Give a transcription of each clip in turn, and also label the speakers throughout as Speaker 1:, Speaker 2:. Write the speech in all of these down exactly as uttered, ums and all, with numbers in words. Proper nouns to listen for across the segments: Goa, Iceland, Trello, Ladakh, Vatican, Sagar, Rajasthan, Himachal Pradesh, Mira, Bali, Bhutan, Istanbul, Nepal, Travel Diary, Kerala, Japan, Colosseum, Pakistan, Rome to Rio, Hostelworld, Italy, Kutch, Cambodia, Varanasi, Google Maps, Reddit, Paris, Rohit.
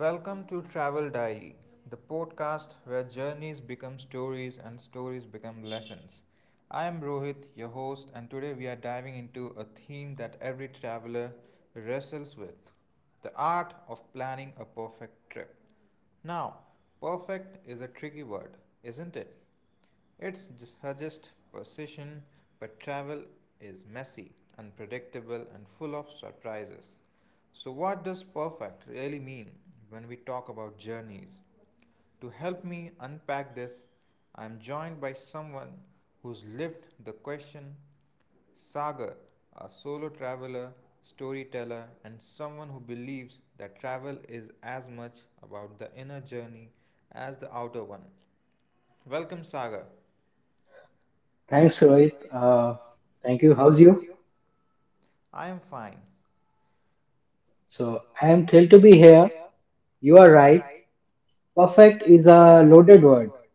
Speaker 1: Welcome to Travel Diary, the podcast where journeys become stories and stories become lessons. I am Rohit, your host, and today we are diving into a theme that every traveler wrestles with the art of planning a perfect trip. Now, perfect is a tricky word, isn't it? It's suggests precision, but travel is messy, unpredictable, and full of surprises. So, what does perfect really mean when we talk about journeys? To help me unpack this, I am joined by someone who's lived the question Sagar, a solo traveler, storyteller, and someone who believes that travel is as much about the inner journey as the outer one. Welcome, Sagar.
Speaker 2: Thanks,
Speaker 1: Thanks,
Speaker 2: Rohit. Uh,
Speaker 1: Uh,
Speaker 2: thank you. How's you?
Speaker 1: I am fine.
Speaker 2: So
Speaker 1: So
Speaker 2: I am
Speaker 1: I am
Speaker 2: thrilled to be here.
Speaker 1: here.
Speaker 2: You are
Speaker 1: You are
Speaker 2: right.
Speaker 1: right.
Speaker 2: Perfect is
Speaker 1: It's
Speaker 2: a
Speaker 1: a
Speaker 2: loaded
Speaker 1: loaded
Speaker 2: word.
Speaker 1: word.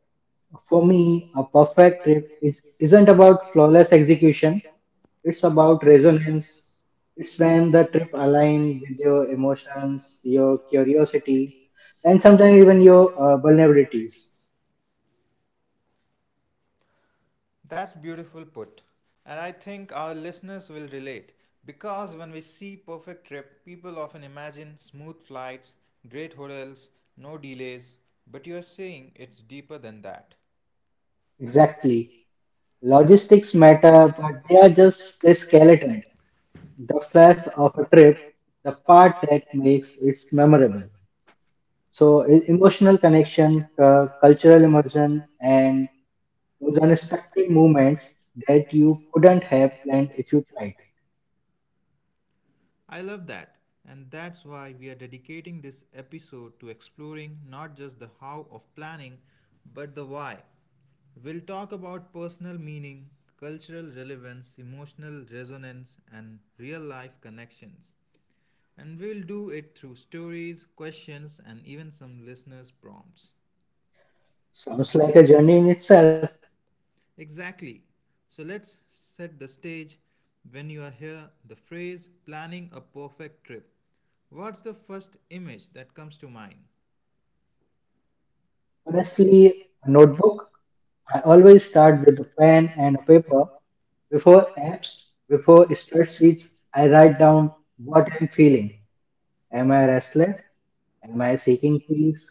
Speaker 2: For
Speaker 1: For
Speaker 2: me,
Speaker 1: me,
Speaker 2: a
Speaker 1: a
Speaker 2: perfect
Speaker 1: perfect
Speaker 2: trip is, isn't about flawless execution.
Speaker 1: execution.
Speaker 2: It's
Speaker 1: It's
Speaker 2: about
Speaker 1: about
Speaker 2: resonance.
Speaker 1: resonance.
Speaker 2: It's
Speaker 1: It's
Speaker 2: when the
Speaker 1: when
Speaker 2: trip aligns
Speaker 1: aligned
Speaker 2: with
Speaker 1: with
Speaker 2: your
Speaker 1: your
Speaker 2: emotions,
Speaker 1: emotions,
Speaker 2: your
Speaker 1: your
Speaker 2: curiosity, and sometimes even
Speaker 1: and
Speaker 2: your
Speaker 1: your
Speaker 2: uh,
Speaker 1: uh,
Speaker 2: vulnerabilities.
Speaker 1: vulnerabilities. That's beautiful put. And I think our listeners will relate because when we see perfect trip, people often imagine smooth flights, great hotels, no delays, but you're saying it's deeper than that.
Speaker 2: Exactly. Logistics
Speaker 1: Legs
Speaker 2: matter,
Speaker 1: matter,
Speaker 2: but
Speaker 1: but
Speaker 2: they are
Speaker 1: they are just
Speaker 2: just the
Speaker 1: the
Speaker 2: skeleton.
Speaker 1: skeleton,
Speaker 2: The
Speaker 1: the
Speaker 2: flash
Speaker 1: fluff
Speaker 2: of a
Speaker 1: of a
Speaker 2: trip,
Speaker 1: trip,
Speaker 2: the
Speaker 1: the
Speaker 2: part
Speaker 1: part
Speaker 2: that
Speaker 1: that
Speaker 2: makes
Speaker 1: makes
Speaker 2: it
Speaker 1: it
Speaker 2: memorable.
Speaker 1: memorable.
Speaker 2: So,
Speaker 1: So
Speaker 2: e- emotional
Speaker 1: emotional
Speaker 2: connection, cu-
Speaker 1: uh,
Speaker 2: cultural immersion, and
Speaker 1: and
Speaker 2: those unexpected moments that you couldn't
Speaker 1: don't
Speaker 2: have
Speaker 1: have
Speaker 2: planned if you tried.
Speaker 1: right. I love that, and that's why we are dedicating this episode to exploring not just the how of planning, but the why. We'll talk about personal meaning, cultural relevance, emotional resonance, and real life connections. And we'll do it through stories, questions, and even some listeners' prompts.
Speaker 2: Sounds like a journey in itself.
Speaker 1: Exactly. So let's set the stage. When you are here, the phrase planning a perfect trip. What's the first image that comes to mind?
Speaker 2: Honestly,
Speaker 1: Honestly,
Speaker 2: a notebook. I
Speaker 1: I
Speaker 2: always
Speaker 1: always
Speaker 2: start
Speaker 1: start
Speaker 2: with a
Speaker 1: with a
Speaker 2: pen
Speaker 1: plan
Speaker 2: and a paper. Before
Speaker 1: before
Speaker 2: apps,
Speaker 1: apps,
Speaker 2: before
Speaker 1: before it
Speaker 2: spreadsheets,
Speaker 1: starts.
Speaker 2: I
Speaker 1: I
Speaker 2: write
Speaker 1: write,
Speaker 2: down what I'm feeling. Am
Speaker 1: am
Speaker 2: I
Speaker 1: I
Speaker 2: restless?
Speaker 1: resting?
Speaker 2: Am I
Speaker 1: Am I sick?
Speaker 2: seeking peace?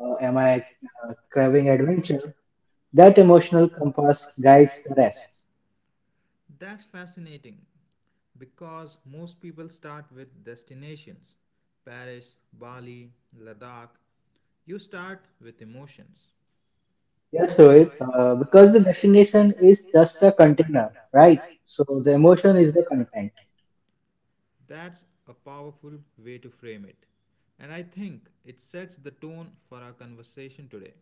Speaker 2: Or
Speaker 1: Or
Speaker 2: am
Speaker 1: am
Speaker 2: I
Speaker 1: I
Speaker 2: uh,
Speaker 1: uh,
Speaker 2: craving
Speaker 1: craving
Speaker 2: adventure?
Speaker 1: adventure?
Speaker 2: That
Speaker 1: That emotion
Speaker 2: emotional compass
Speaker 1: compass
Speaker 2: guides
Speaker 1: guides
Speaker 2: the
Speaker 1: the
Speaker 2: rest.
Speaker 1: rest. That's fascinating because most people start with destinations Paris, Bali, Ladakh. You start with emotions.
Speaker 2: Yes,
Speaker 1: Yes,
Speaker 2: Rohit,
Speaker 1: Rohit.
Speaker 2: uh,
Speaker 1: Uh,
Speaker 2: because the destination is just a container, right?
Speaker 1: right.
Speaker 2: So the emotion
Speaker 1: Emotion
Speaker 2: is the
Speaker 1: is the
Speaker 2: content.
Speaker 1: connection. That's a powerful way to frame it. And I think it sets the tone for our conversation today.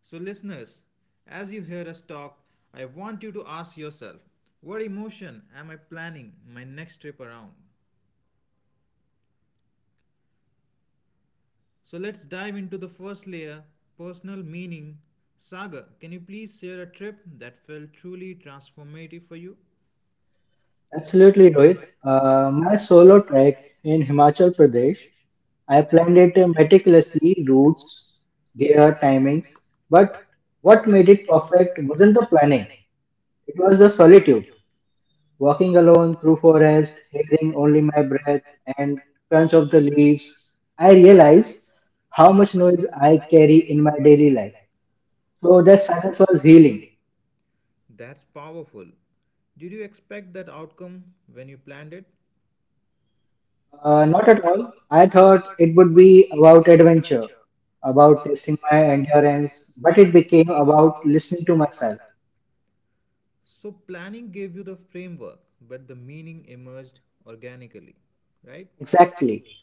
Speaker 1: So, listeners, as you hear us talk, I want you to ask yourself what emotion am I planning my next trip around? So let's dive into the first layer personal meaning. Saga, can you please share a trip that felt truly transformative for you?
Speaker 2: Absolutely, Rohit. Uh, my
Speaker 1: Um,
Speaker 2: solo trek in Himachal Pradesh, I
Speaker 1: I
Speaker 2: planned it meticulously, routes, gear, timings. But what
Speaker 1: what
Speaker 2: made
Speaker 1: we
Speaker 2: it perfect wasn't the
Speaker 1: were
Speaker 2: planning,
Speaker 1: planning.
Speaker 2: it was the solitude. Walking
Speaker 1: Working
Speaker 2: alone through
Speaker 1: for us,
Speaker 2: forest, hearing only my breath and crunch of the leaves, I
Speaker 1: I
Speaker 2: realized
Speaker 1: realized
Speaker 2: how
Speaker 1: how
Speaker 2: much
Speaker 1: much
Speaker 2: noise I
Speaker 1: I
Speaker 2: carry in
Speaker 1: carry
Speaker 2: my
Speaker 1: in my
Speaker 2: daily
Speaker 1: daily.
Speaker 2: life. So
Speaker 1: So
Speaker 2: that
Speaker 1: that
Speaker 2: silence
Speaker 1: silence
Speaker 2: was healing.
Speaker 1: That's powerful. Did you expect that outcome when you planned it?
Speaker 2: Uh,
Speaker 1: Uh,
Speaker 2: not
Speaker 1: not
Speaker 2: at
Speaker 1: at
Speaker 2: all.
Speaker 1: all.
Speaker 2: I
Speaker 1: I
Speaker 2: thought
Speaker 1: thought
Speaker 2: it would be about
Speaker 1: about
Speaker 2: adventure, about
Speaker 1: about
Speaker 2: testing
Speaker 1: testing
Speaker 2: my
Speaker 1: my
Speaker 2: endurance,
Speaker 1: endurance,
Speaker 2: but
Speaker 1: but
Speaker 2: it
Speaker 1: it
Speaker 2: became
Speaker 1: became
Speaker 2: about
Speaker 1: about
Speaker 2: listening to myself.
Speaker 1: So, planning gave you the framework, but the meaning emerged organically, right?
Speaker 2: Exactly.
Speaker 1: Exactly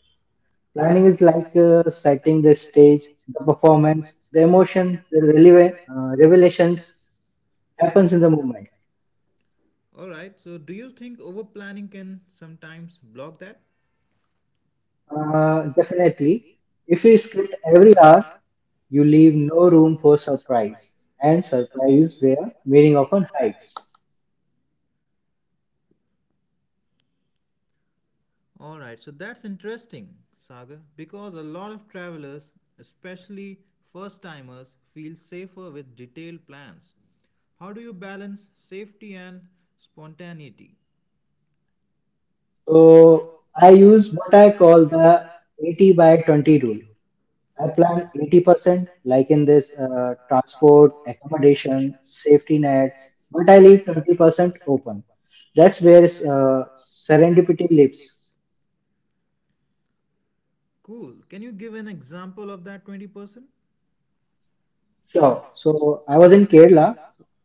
Speaker 2: Planning
Speaker 1: planning.
Speaker 2: is like uh, setting the stage, the performance, the emotion, the releva- uh, revelations happens in the moment.
Speaker 1: Alright, so do you think over planning can sometimes block that?
Speaker 2: Uh,
Speaker 1: Uh,
Speaker 2: definitely. If you script every hour, you leave no room for surprise, and surprise where meaning often hides.
Speaker 1: heights. Alright, so that's interesting, Sagar, because a lot of travelers, especially first timers, feel safer with detailed plans. How do you balance safety and spontaneity?
Speaker 2: So I use what I call the eighty by
Speaker 1: By
Speaker 2: twenty rule. I plan eighty percent, like in this uh,
Speaker 1: uh,
Speaker 2: transport, accommodation, safety nets, but I leave twenty percent open. That's where uh, serendipity lives.
Speaker 1: cool. Can you give an example of that twenty percent?
Speaker 2: Sure. So I was in Kerala.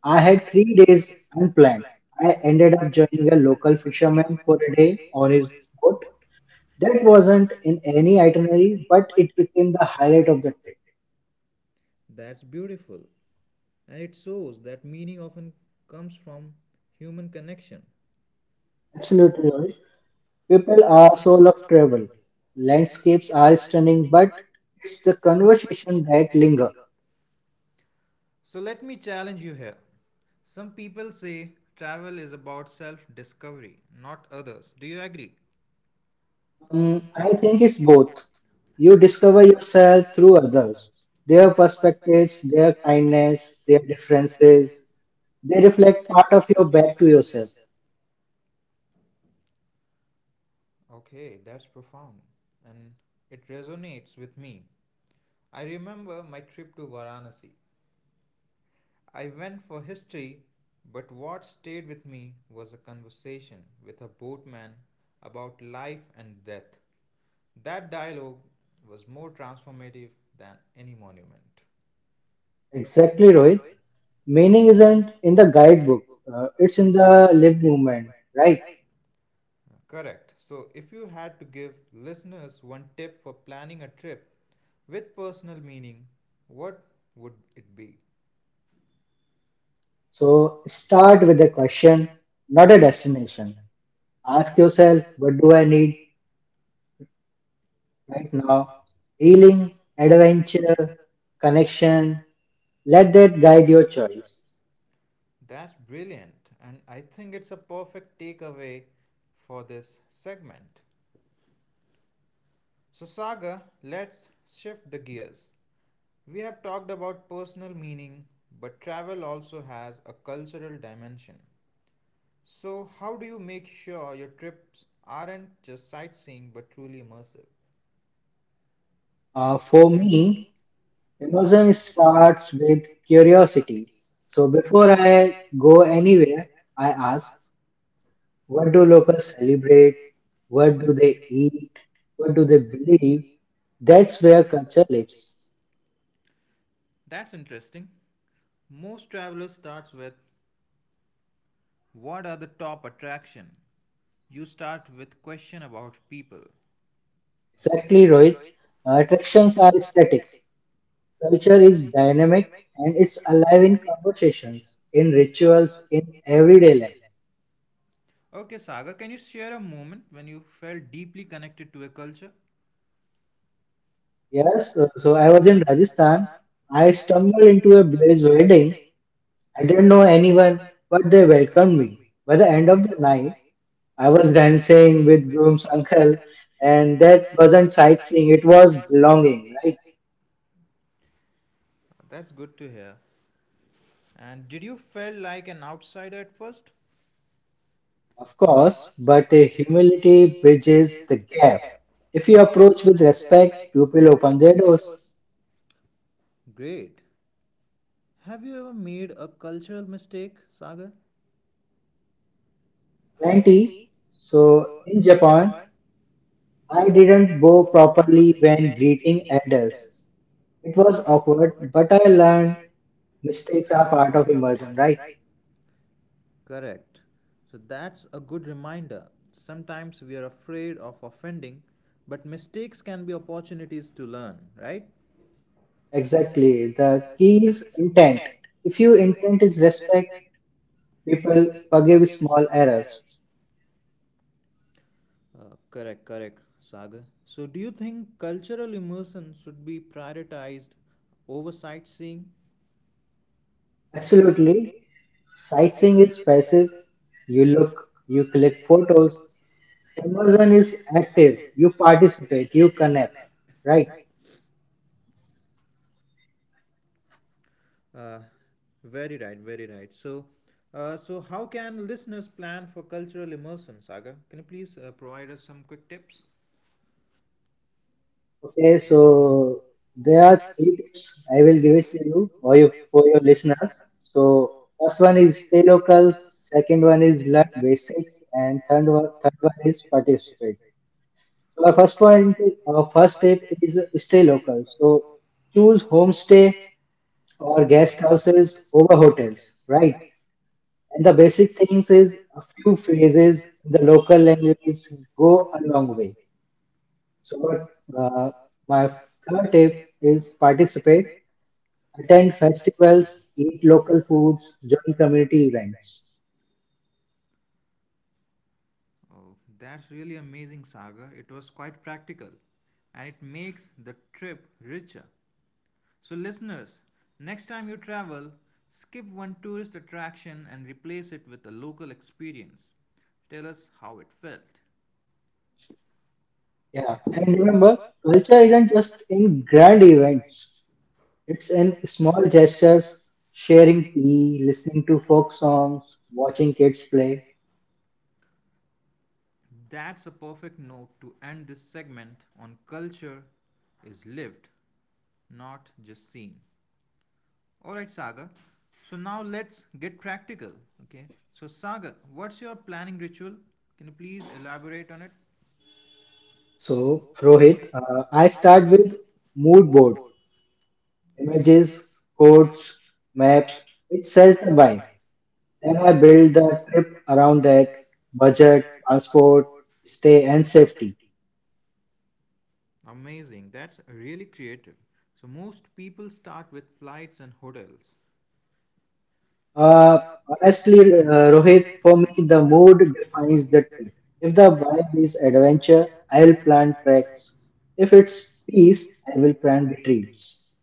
Speaker 2: I
Speaker 1: I
Speaker 2: had
Speaker 1: had
Speaker 2: three days unplanned. I
Speaker 1: I
Speaker 2: ended up
Speaker 1: ended up
Speaker 2: joining a local
Speaker 1: with a
Speaker 2: fisherman
Speaker 1: fisherman
Speaker 2: for a day on
Speaker 1: on
Speaker 2: his
Speaker 1: his
Speaker 2: boat.
Speaker 1: boat.
Speaker 2: That
Speaker 1: That was
Speaker 2: wasn't in any itinerary, but it became the
Speaker 1: in the
Speaker 2: highlight of
Speaker 1: highlight.
Speaker 2: the trip.
Speaker 1: That's beautiful. And it shows that meaning often comes from human connection.
Speaker 2: Absolutely, Rohit.
Speaker 1: Absolutely.
Speaker 2: People
Speaker 1: People,
Speaker 2: are soul of travel. Landscapes
Speaker 1: landscapes
Speaker 2: are
Speaker 1: are
Speaker 2: stunning, but it's the
Speaker 1: it's the
Speaker 2: conversation
Speaker 1: conversation
Speaker 2: that
Speaker 1: that
Speaker 2: linger.
Speaker 1: linger. So let me challenge you here. Some people say travel is about self discovery, not others. Do you agree?
Speaker 2: Um,
Speaker 1: Mm,
Speaker 2: I
Speaker 1: I
Speaker 2: think it's
Speaker 1: think it's
Speaker 2: both.
Speaker 1: both.
Speaker 2: You
Speaker 1: You
Speaker 2: discover
Speaker 1: discover
Speaker 2: yourself through others, their perspectives, their kindness, their differences. They reflect part of your back to yourself.
Speaker 1: Okay, that's profound. And it resonates with me. I remember my trip to Varanasi. I went for history, but what stayed with me was a conversation with a boatman about life and death. That dialogue was more transformative than any monument.
Speaker 2: Exactly, Rohit. Meaning isn't in the guidebook, uh,
Speaker 1: uh,
Speaker 2: it's in
Speaker 1: in the
Speaker 2: the lived
Speaker 1: lived
Speaker 2: movement,
Speaker 1: movement,
Speaker 2: right?
Speaker 1: right? Correct. So, if you had to give listeners one tip for planning a trip with personal meaning, what would it be?
Speaker 2: So start
Speaker 1: Start
Speaker 2: with a
Speaker 1: question.
Speaker 2: question, not a destination. Ask
Speaker 1: Ask
Speaker 2: yourself,
Speaker 1: yourself,
Speaker 2: what do
Speaker 1: what
Speaker 2: I
Speaker 1: do I
Speaker 2: need
Speaker 1: need
Speaker 2: right
Speaker 1: right
Speaker 2: now?
Speaker 1: now? Healing,
Speaker 2: Healing, adventure,
Speaker 1: adventure,
Speaker 2: connection.
Speaker 1: connection.
Speaker 2: Let
Speaker 1: Let
Speaker 2: that
Speaker 1: that
Speaker 2: guide
Speaker 1: guide
Speaker 2: your
Speaker 1: your
Speaker 2: choice.
Speaker 1: choice. That's brilliant, and I think it's a perfect takeaway for this segment. So, Saga, let's shift the gears. We have talked about personal meaning, but travel also has a cultural dimension. So, how do you make sure your trips aren't just sightseeing but truly immersive?
Speaker 2: Uh,
Speaker 1: Uh,
Speaker 2: for
Speaker 1: for
Speaker 2: me, emotion starts
Speaker 1: start,
Speaker 2: with curiosity. So before
Speaker 1: so
Speaker 2: I
Speaker 1: I,
Speaker 2: go anywhere, I
Speaker 1: I
Speaker 2: ask,
Speaker 1: ask,
Speaker 2: what do locals celebrate? What do they eat? What do they believe? That's where culture lives.
Speaker 1: that's interesting. Most travelers starts with what are the top attraction? You start with question about people.
Speaker 2: Exactly,
Speaker 1: Exactly,
Speaker 2: Rohit.
Speaker 1: Rohit.
Speaker 2: Attractions are static. Culture is dynamic and it's alive in conversations, in rituals, in everyday life.
Speaker 1: Okay, Saga, can you share a moment when you felt deeply connected to a culture?
Speaker 2: Yes, so so I was in Rajasthan.
Speaker 1: Pakistan.
Speaker 2: I stumbled into a village wedding. I didn't know
Speaker 1: No, any.
Speaker 2: anyone, but they welcomed me. By the
Speaker 1: By the
Speaker 2: end of
Speaker 1: end
Speaker 2: the
Speaker 1: of the
Speaker 2: night,
Speaker 1: night,
Speaker 2: I was dancing with groom's uncle, and
Speaker 1: and
Speaker 2: that wasn't sightseeing, it was belonging, right?
Speaker 1: that's good to hear. And did you feel like an outsider at first?
Speaker 2: Of
Speaker 1: Of
Speaker 2: course,
Speaker 1: course,
Speaker 2: but
Speaker 1: but
Speaker 2: a
Speaker 1: uh,
Speaker 2: humility
Speaker 1: humility
Speaker 2: bridges the
Speaker 1: bridges the
Speaker 2: gap.
Speaker 1: gap.
Speaker 2: If you
Speaker 1: If you
Speaker 2: approach with
Speaker 1: approach with
Speaker 2: respect,
Speaker 1: respect, you
Speaker 2: people
Speaker 1: will
Speaker 2: open their
Speaker 1: open their
Speaker 2: doors.
Speaker 1: doors. Great. Have you ever made a cultural mistake, Sagar?
Speaker 2: Plenty.
Speaker 1: ninety.
Speaker 2: So
Speaker 1: So,
Speaker 2: in
Speaker 1: in
Speaker 2: Japan,
Speaker 1: Japan,
Speaker 2: I
Speaker 1: I
Speaker 2: didn't
Speaker 1: didn't
Speaker 2: bow
Speaker 1: bow
Speaker 2: properly
Speaker 1: properly
Speaker 2: when
Speaker 1: when
Speaker 2: greeting
Speaker 1: greeting
Speaker 2: elders.
Speaker 1: elders.
Speaker 2: It
Speaker 1: It
Speaker 2: was
Speaker 1: was
Speaker 2: awkward,
Speaker 1: awkward,
Speaker 2: but I
Speaker 1: but I
Speaker 2: learned
Speaker 1: learned
Speaker 2: mistakes are
Speaker 1: mistakes are
Speaker 2: part of
Speaker 1: part of
Speaker 2: immersion,
Speaker 1: immersion,
Speaker 2: right?
Speaker 1: right? Correct. So that's a good reminder. Sometimes we are afraid of offending, but mistakes can be opportunities to learn, right?
Speaker 2: Exactly.
Speaker 1: Exactly.
Speaker 2: The
Speaker 1: The
Speaker 2: key
Speaker 1: key
Speaker 2: is
Speaker 1: is
Speaker 2: intent.
Speaker 1: intent.
Speaker 2: If
Speaker 1: If
Speaker 2: your
Speaker 1: you in-
Speaker 2: intent is respect,
Speaker 1: respect,
Speaker 2: people
Speaker 1: people
Speaker 2: forgive
Speaker 1: forgive
Speaker 2: small
Speaker 1: small
Speaker 2: errors.
Speaker 1: errors. Uh, correct, correct, Sagar. So, do you think cultural immersion should be prioritized over sightseeing?
Speaker 2: Absolutely.
Speaker 1: Absolutely.
Speaker 2: Sightseeing
Speaker 1: Sightseeing
Speaker 2: is
Speaker 1: is
Speaker 2: passive.
Speaker 1: passive.
Speaker 2: You look, you click photos. Immersion
Speaker 1: Immersion
Speaker 2: is
Speaker 1: is
Speaker 2: active.
Speaker 1: active.
Speaker 2: You
Speaker 1: You
Speaker 2: participate,
Speaker 1: participate
Speaker 2: you
Speaker 1: you
Speaker 2: connect.
Speaker 1: connect
Speaker 2: Right.
Speaker 1: right Uh, very right, very right. So, uh, so how can listeners plan for cultural immersion, Saga? Can you please uh, provide us some quick tips?
Speaker 2: Okay.
Speaker 1: Okay
Speaker 2: So
Speaker 1: so
Speaker 2: there are
Speaker 1: there are
Speaker 2: three tips.
Speaker 1: tips
Speaker 2: I will
Speaker 1: I will
Speaker 2: give it to you or you, for your listeners. So first one
Speaker 1: first one
Speaker 2: is
Speaker 1: is
Speaker 2: stay local. Second one is learn basics, and
Speaker 1: and
Speaker 2: third
Speaker 1: third
Speaker 2: one,
Speaker 1: one
Speaker 2: third one is participate. So our first
Speaker 1: first
Speaker 2: point,
Speaker 1: one
Speaker 2: our
Speaker 1: of
Speaker 2: first tip is stay local. So choose
Speaker 1: two
Speaker 2: homestay or
Speaker 1: or
Speaker 2: guest
Speaker 1: guest houses
Speaker 2: houses over hotels, right?
Speaker 1: right
Speaker 2: And the basic things is a few phrases in the local language go a
Speaker 1: go
Speaker 2: long
Speaker 1: along
Speaker 2: way. So
Speaker 1: so
Speaker 2: what uh,
Speaker 1: uh,
Speaker 2: my
Speaker 1: my
Speaker 2: third tip
Speaker 1: third
Speaker 2: is participate, attend
Speaker 1: attend
Speaker 2: festivals, eat local foods, join community events.
Speaker 1: oh, that's really amazing, Saga. It was quite practical and it makes the trip richer. So, listeners, next time you travel, skip one tourist attraction and replace it with a local experience. Tell us how it felt.
Speaker 2: Yeah, and
Speaker 1: Yeah,
Speaker 2: remember, culture isn't just in grand
Speaker 1: grand
Speaker 2: events.
Speaker 1: events.
Speaker 2: It's
Speaker 1: It's
Speaker 2: in
Speaker 1: in
Speaker 2: small
Speaker 1: small
Speaker 2: gestures, sharing
Speaker 1: sharing
Speaker 2: tea, listening to folk
Speaker 1: songs,
Speaker 2: songs, watching
Speaker 1: watching.
Speaker 2: kids play.
Speaker 1: That's a perfect note to end this segment on culture is lived, not just seen. All right, Sagar. So now let's get practical. Okay. So Sagar, what's your planning ritual? Can you please elaborate on it? So,
Speaker 2: So, Rohit,
Speaker 1: Rohit,
Speaker 2: uh,
Speaker 1: uh,
Speaker 2: I
Speaker 1: I
Speaker 2: start
Speaker 1: start with
Speaker 2: with mood
Speaker 1: mood
Speaker 2: board, images, quotes, maps.
Speaker 1: maps
Speaker 2: It says the vibe. Then I build the trip around
Speaker 1: around.
Speaker 2: that budget, transport, stay, and safety.
Speaker 1: Amazing. That's really creative. So most people start with flights and hotels.
Speaker 2: Uh,
Speaker 1: Uh,
Speaker 2: honestly, uh,
Speaker 1: uh,
Speaker 2: Rohit,
Speaker 1: Rohit
Speaker 2: for me, the mood defines the
Speaker 1: finds
Speaker 2: trip. If the
Speaker 1: if the
Speaker 2: vibe
Speaker 1: vibe
Speaker 2: is
Speaker 1: is
Speaker 2: adventure,
Speaker 1: adventure,
Speaker 2: I'll
Speaker 1: I'll
Speaker 2: plan
Speaker 1: plan
Speaker 2: treks.
Speaker 1: tracks.
Speaker 2: If
Speaker 1: If
Speaker 2: it's
Speaker 1: it's
Speaker 2: peace, I will plan
Speaker 1: planned
Speaker 2: retreats.
Speaker 1: retreats.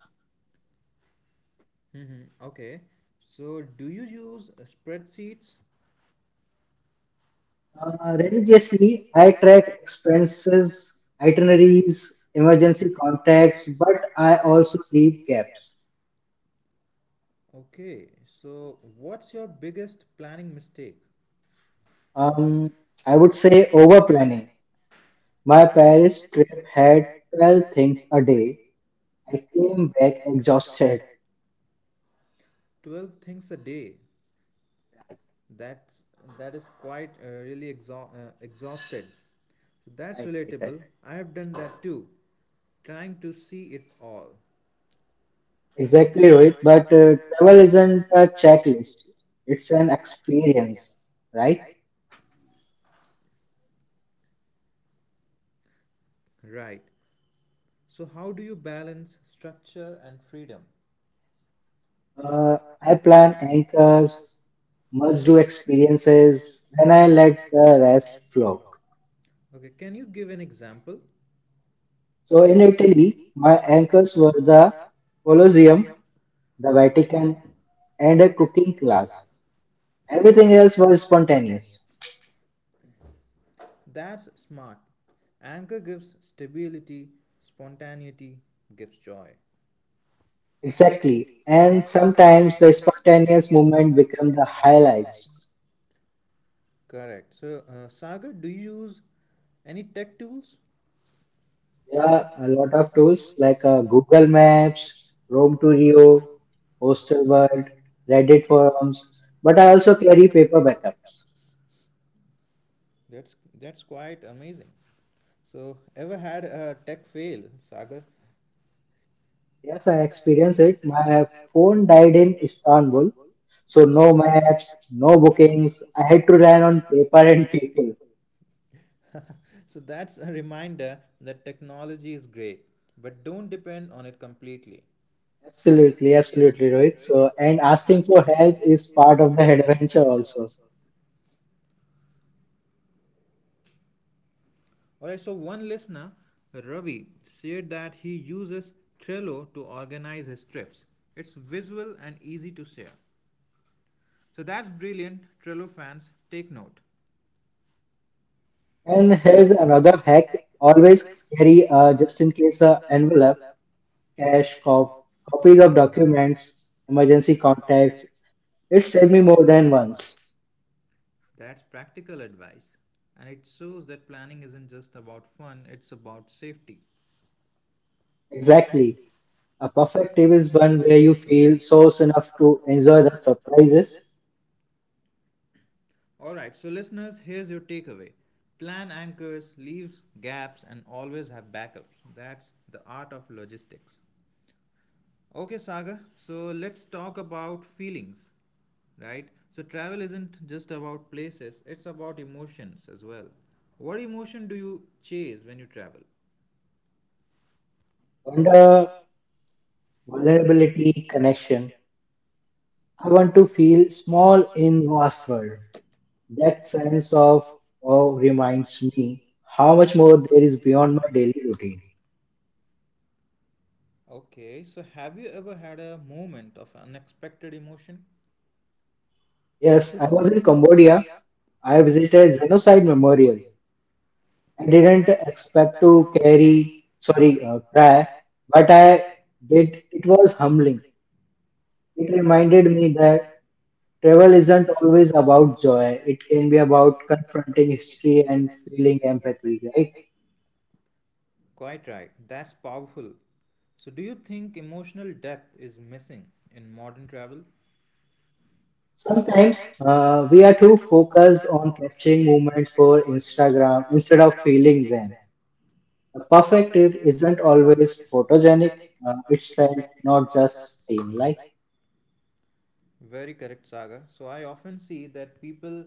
Speaker 1: Hmm. Okay. So, do you use uh, spreadsheets?
Speaker 2: Uh,
Speaker 1: Uh,
Speaker 2: religiously,
Speaker 1: religiously,
Speaker 2: I
Speaker 1: I
Speaker 2: track
Speaker 1: track expenses,
Speaker 2: expenses, itineraries, emergency
Speaker 1: emergency
Speaker 2: contacts,
Speaker 1: contacts,
Speaker 2: but
Speaker 1: but
Speaker 2: I
Speaker 1: I
Speaker 2: also
Speaker 1: also
Speaker 2: leave
Speaker 1: keep
Speaker 2: gaps.
Speaker 1: gaps. Okay. So, what's your biggest planning mistake? Um,
Speaker 2: Um, I
Speaker 1: I
Speaker 2: would
Speaker 1: would
Speaker 2: say
Speaker 1: say
Speaker 2: over
Speaker 1: over
Speaker 2: planning.
Speaker 1: planning.
Speaker 2: My
Speaker 1: My
Speaker 2: Paris
Speaker 1: Paris
Speaker 2: trip
Speaker 1: trip
Speaker 2: had
Speaker 1: had
Speaker 2: twelve
Speaker 1: twelve
Speaker 2: things a
Speaker 1: things a
Speaker 2: day.
Speaker 1: day.
Speaker 2: I
Speaker 1: I
Speaker 2: came
Speaker 1: came
Speaker 2: back
Speaker 1: back
Speaker 2: exhausted.
Speaker 1: exhausted. twelve things a day. That's that is quite uh, really exha- uh, exhausted. So that's
Speaker 2: Right, right, right.
Speaker 1: relatable. I have done that too, trying to see it all.
Speaker 2: Exactly,
Speaker 1: Exactly,
Speaker 2: Rohit.
Speaker 1: Rohit.
Speaker 2: But
Speaker 1: But
Speaker 2: uh,
Speaker 1: uh,
Speaker 2: travel
Speaker 1: travel
Speaker 2: isn't
Speaker 1: isn't
Speaker 2: a
Speaker 1: a
Speaker 2: checklist,
Speaker 1: checklist,
Speaker 2: it's an
Speaker 1: it's an
Speaker 2: experience,
Speaker 1: experience,
Speaker 2: right?
Speaker 1: right? Right. So how do you balance structure and freedom?
Speaker 2: Uh,
Speaker 1: Uh,
Speaker 2: I
Speaker 1: I
Speaker 2: plan
Speaker 1: plan
Speaker 2: anchors,
Speaker 1: because
Speaker 2: must do experiences, then I
Speaker 1: and I
Speaker 2: let
Speaker 1: let
Speaker 2: the
Speaker 1: the
Speaker 2: rest
Speaker 1: rest
Speaker 2: flow.
Speaker 1: flow. Okay, can you give an example?
Speaker 2: So in Italy, my
Speaker 1: My
Speaker 2: anchors were the Colosseum, the Vatican, and a cooking
Speaker 1: glass.
Speaker 2: class. Everything
Speaker 1: Everything
Speaker 2: else
Speaker 1: else
Speaker 2: was spontaneous.
Speaker 1: spontaneous. That's smart. Anger gives stability, spontaneity gives joy.
Speaker 2: Exactly. And
Speaker 1: And
Speaker 2: sometimes the
Speaker 1: sometimes the
Speaker 2: spontaneous
Speaker 1: spontaneous
Speaker 2: movement
Speaker 1: movement
Speaker 2: become the
Speaker 1: becomes the
Speaker 2: highlights.
Speaker 1: highlights. Correct. So, uh, Sagar, do you use any tech tools?
Speaker 2: There are
Speaker 1: Yeah,
Speaker 2: a lot of tools like
Speaker 1: like
Speaker 2: uh,
Speaker 1: uh,
Speaker 2: Google
Speaker 1: Google
Speaker 2: Maps,
Speaker 1: Maps,
Speaker 2: Rome to Rio,
Speaker 1: Road World,
Speaker 2: Hostelworld, Reddit
Speaker 1: Reddit
Speaker 2: forums,
Speaker 1: forums.
Speaker 2: but I
Speaker 1: But I
Speaker 2: also
Speaker 1: also
Speaker 2: carry paper backups.
Speaker 1: that's that's quite amazing. So, ever had a tech fail, Sagar?
Speaker 2: Yes, I
Speaker 1: Yes, I
Speaker 2: experienced
Speaker 1: ex-
Speaker 2: it. My phone died in Istanbul, so no maps, no bookings. I had to rely on
Speaker 1: ran on
Speaker 2: paper and
Speaker 1: parent
Speaker 2: people.
Speaker 1: people. So that's a reminder that technology is great, but don't depend on it completely.
Speaker 2: Absolutely, absolutely, Rohit. So, and
Speaker 1: And
Speaker 2: asking
Speaker 1: ask
Speaker 2: for
Speaker 1: the
Speaker 2: help is part of the adventure
Speaker 1: teacher
Speaker 2: also.
Speaker 1: also. Alright, so one listener, Ravi, said that he uses Trello to organize his trips. It's visual and easy to share. So that's brilliant. Trello fans, take note.
Speaker 2: And here's
Speaker 1: And
Speaker 2: another hack: always carry a
Speaker 1: uh,
Speaker 2: just-in-case a envelope, cash,
Speaker 1: cash
Speaker 2: cop,
Speaker 1: cop-
Speaker 2: copies of
Speaker 1: copies,
Speaker 2: documents, emergency contacts.
Speaker 1: contact.
Speaker 2: It saved me more than once.
Speaker 1: That's practical advice. And it shows that planning isn't just about fun, it's about safety.
Speaker 2: Exactly. A perfect trip is one where you feel source enough to enjoy the surprises,
Speaker 1: Alright, so listeners, here's your takeaway plan anchors, leaves gaps, and always have backups. That's the art of logistics. Okay, Saga. So let's talk about feelings, right? So travel isn't just about places, it's about emotions as well. What emotion do you chase when you travel?
Speaker 2: wonder, vulnerability, connection. I want to feel small in vast
Speaker 1: Was
Speaker 2: world. That sense
Speaker 1: less
Speaker 2: of
Speaker 1: of
Speaker 2: awe
Speaker 1: oh,
Speaker 2: reminds me how
Speaker 1: how
Speaker 2: much
Speaker 1: much
Speaker 2: more there is beyond my daily routine.
Speaker 1: routine. Okay, so have you ever had a moment of unexpected emotion?
Speaker 2: Yes, I was in Cambodia. I visited genocide memorial. I
Speaker 1: I
Speaker 2: didn't
Speaker 1: didn't
Speaker 2: expect
Speaker 1: expect
Speaker 2: to
Speaker 1: to
Speaker 2: carry,
Speaker 1: carry
Speaker 2: sorry, uh, cry,
Speaker 1: that,
Speaker 2: but
Speaker 1: but
Speaker 2: I
Speaker 1: I
Speaker 2: did. It was humbling. It reminded me
Speaker 1: think
Speaker 2: that
Speaker 1: that
Speaker 2: travel isn't always about
Speaker 1: joy,
Speaker 2: joy. It can be about confronting
Speaker 1: being
Speaker 2: history
Speaker 1: history,
Speaker 2: and
Speaker 1: and
Speaker 2: feeling
Speaker 1: being
Speaker 2: empathy,
Speaker 1: empathy,
Speaker 2: right?
Speaker 1: right? Quite right. That's powerful. So, do you think emotional depth is missing in modern travel?
Speaker 2: Sometimes
Speaker 1: Sometimes
Speaker 2: uh,
Speaker 1: uh,
Speaker 2: we are
Speaker 1: we are
Speaker 2: too
Speaker 1: too
Speaker 2: focused
Speaker 1: focused
Speaker 2: on
Speaker 1: on
Speaker 2: capturing
Speaker 1: capturing
Speaker 2: moments
Speaker 1: moments
Speaker 2: for
Speaker 1: for
Speaker 2: Instagram
Speaker 1: Instagram
Speaker 2: instead
Speaker 1: instead
Speaker 2: of
Speaker 1: of
Speaker 2: feeling
Speaker 1: feeling
Speaker 2: them.
Speaker 1: them.
Speaker 2: A
Speaker 1: A
Speaker 2: perfect
Speaker 1: perfect
Speaker 2: trip
Speaker 1: trip
Speaker 2: isn't
Speaker 1: isn't
Speaker 2: always
Speaker 1: always
Speaker 2: photogenic.
Speaker 1: photogenic,
Speaker 2: Uh,
Speaker 1: uh,
Speaker 2: it's
Speaker 1: it's
Speaker 2: felt,
Speaker 1: felt,
Speaker 2: not
Speaker 1: not
Speaker 2: just
Speaker 1: just
Speaker 2: seen.
Speaker 1: seen.
Speaker 2: Like
Speaker 1: Like very correct, Saga. So I often see that people,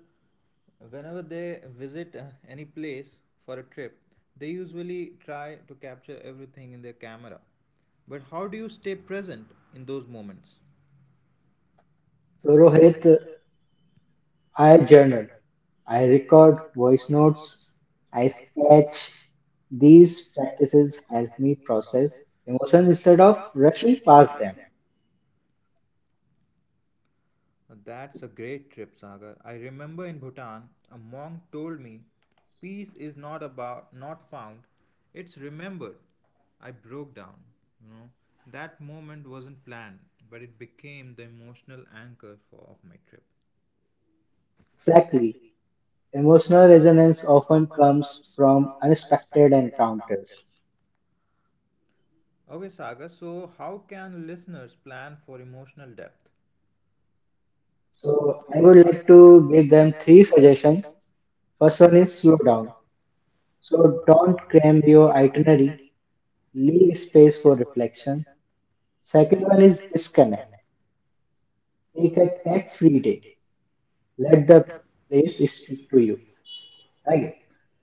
Speaker 1: whenever they visit uh, any place for a trip, they usually try to capture everything in their camera. But how do you stay present in those moments?
Speaker 2: so, Rohit,
Speaker 1: Rohit,
Speaker 2: I
Speaker 1: I
Speaker 2: journal,
Speaker 1: journal.
Speaker 2: I
Speaker 1: I
Speaker 2: record
Speaker 1: record
Speaker 2: voice
Speaker 1: voice
Speaker 2: notes,
Speaker 1: notes.
Speaker 2: I
Speaker 1: I
Speaker 2: sketch.
Speaker 1: sketch.
Speaker 2: These
Speaker 1: These
Speaker 2: practices
Speaker 1: practices
Speaker 2: help
Speaker 1: help
Speaker 2: me
Speaker 1: me
Speaker 2: process
Speaker 1: process
Speaker 2: emotion
Speaker 1: emotions
Speaker 2: instead
Speaker 1: instead
Speaker 2: of
Speaker 1: of
Speaker 2: rushing
Speaker 1: rushing
Speaker 2: past
Speaker 1: past
Speaker 2: them.
Speaker 1: them. That's a great trip, Sagar. I remember in Bhutan, a monk told me, "Peace is not about not found, it's remembered." I broke down, you know. That moment wasn't planned, but it became the emotional anchor for of my trip.
Speaker 2: Exactly.
Speaker 1: Exactly.
Speaker 2: Emotional
Speaker 1: Emotional
Speaker 2: resonance
Speaker 1: resonance
Speaker 2: often
Speaker 1: often
Speaker 2: comes
Speaker 1: comes
Speaker 2: from
Speaker 1: from
Speaker 2: unexpected
Speaker 1: unexpected encounters.
Speaker 2: encounters.
Speaker 1: Okay, Sagar, so how can listeners plan for emotional depth?
Speaker 2: So
Speaker 1: So
Speaker 2: I
Speaker 1: I
Speaker 2: would
Speaker 1: would
Speaker 2: like
Speaker 1: like
Speaker 2: to
Speaker 1: to
Speaker 2: give
Speaker 1: give
Speaker 2: them
Speaker 1: them
Speaker 2: three
Speaker 1: three suggestions.
Speaker 2: suggestions. First one
Speaker 1: First one
Speaker 2: is
Speaker 1: is
Speaker 2: slow
Speaker 1: slow
Speaker 2: down.
Speaker 1: down.
Speaker 2: So
Speaker 1: So
Speaker 2: don't
Speaker 1: don't
Speaker 2: cram
Speaker 1: cram
Speaker 2: your
Speaker 1: your
Speaker 2: itinerary,
Speaker 1: itinerary,
Speaker 2: leave
Speaker 1: leave
Speaker 2: space for
Speaker 1: space for
Speaker 2: reflection.
Speaker 1: reflection.
Speaker 2: Second
Speaker 1: Second
Speaker 2: one
Speaker 1: one
Speaker 2: is
Speaker 1: is
Speaker 2: disconnect.
Speaker 1: disconnect.
Speaker 2: Take a tech
Speaker 1: Next,
Speaker 2: free day. Let
Speaker 1: let
Speaker 2: the
Speaker 1: the
Speaker 2: place
Speaker 1: place
Speaker 2: speak
Speaker 1: speak
Speaker 2: to
Speaker 1: to
Speaker 2: you.
Speaker 1: you.
Speaker 2: Right.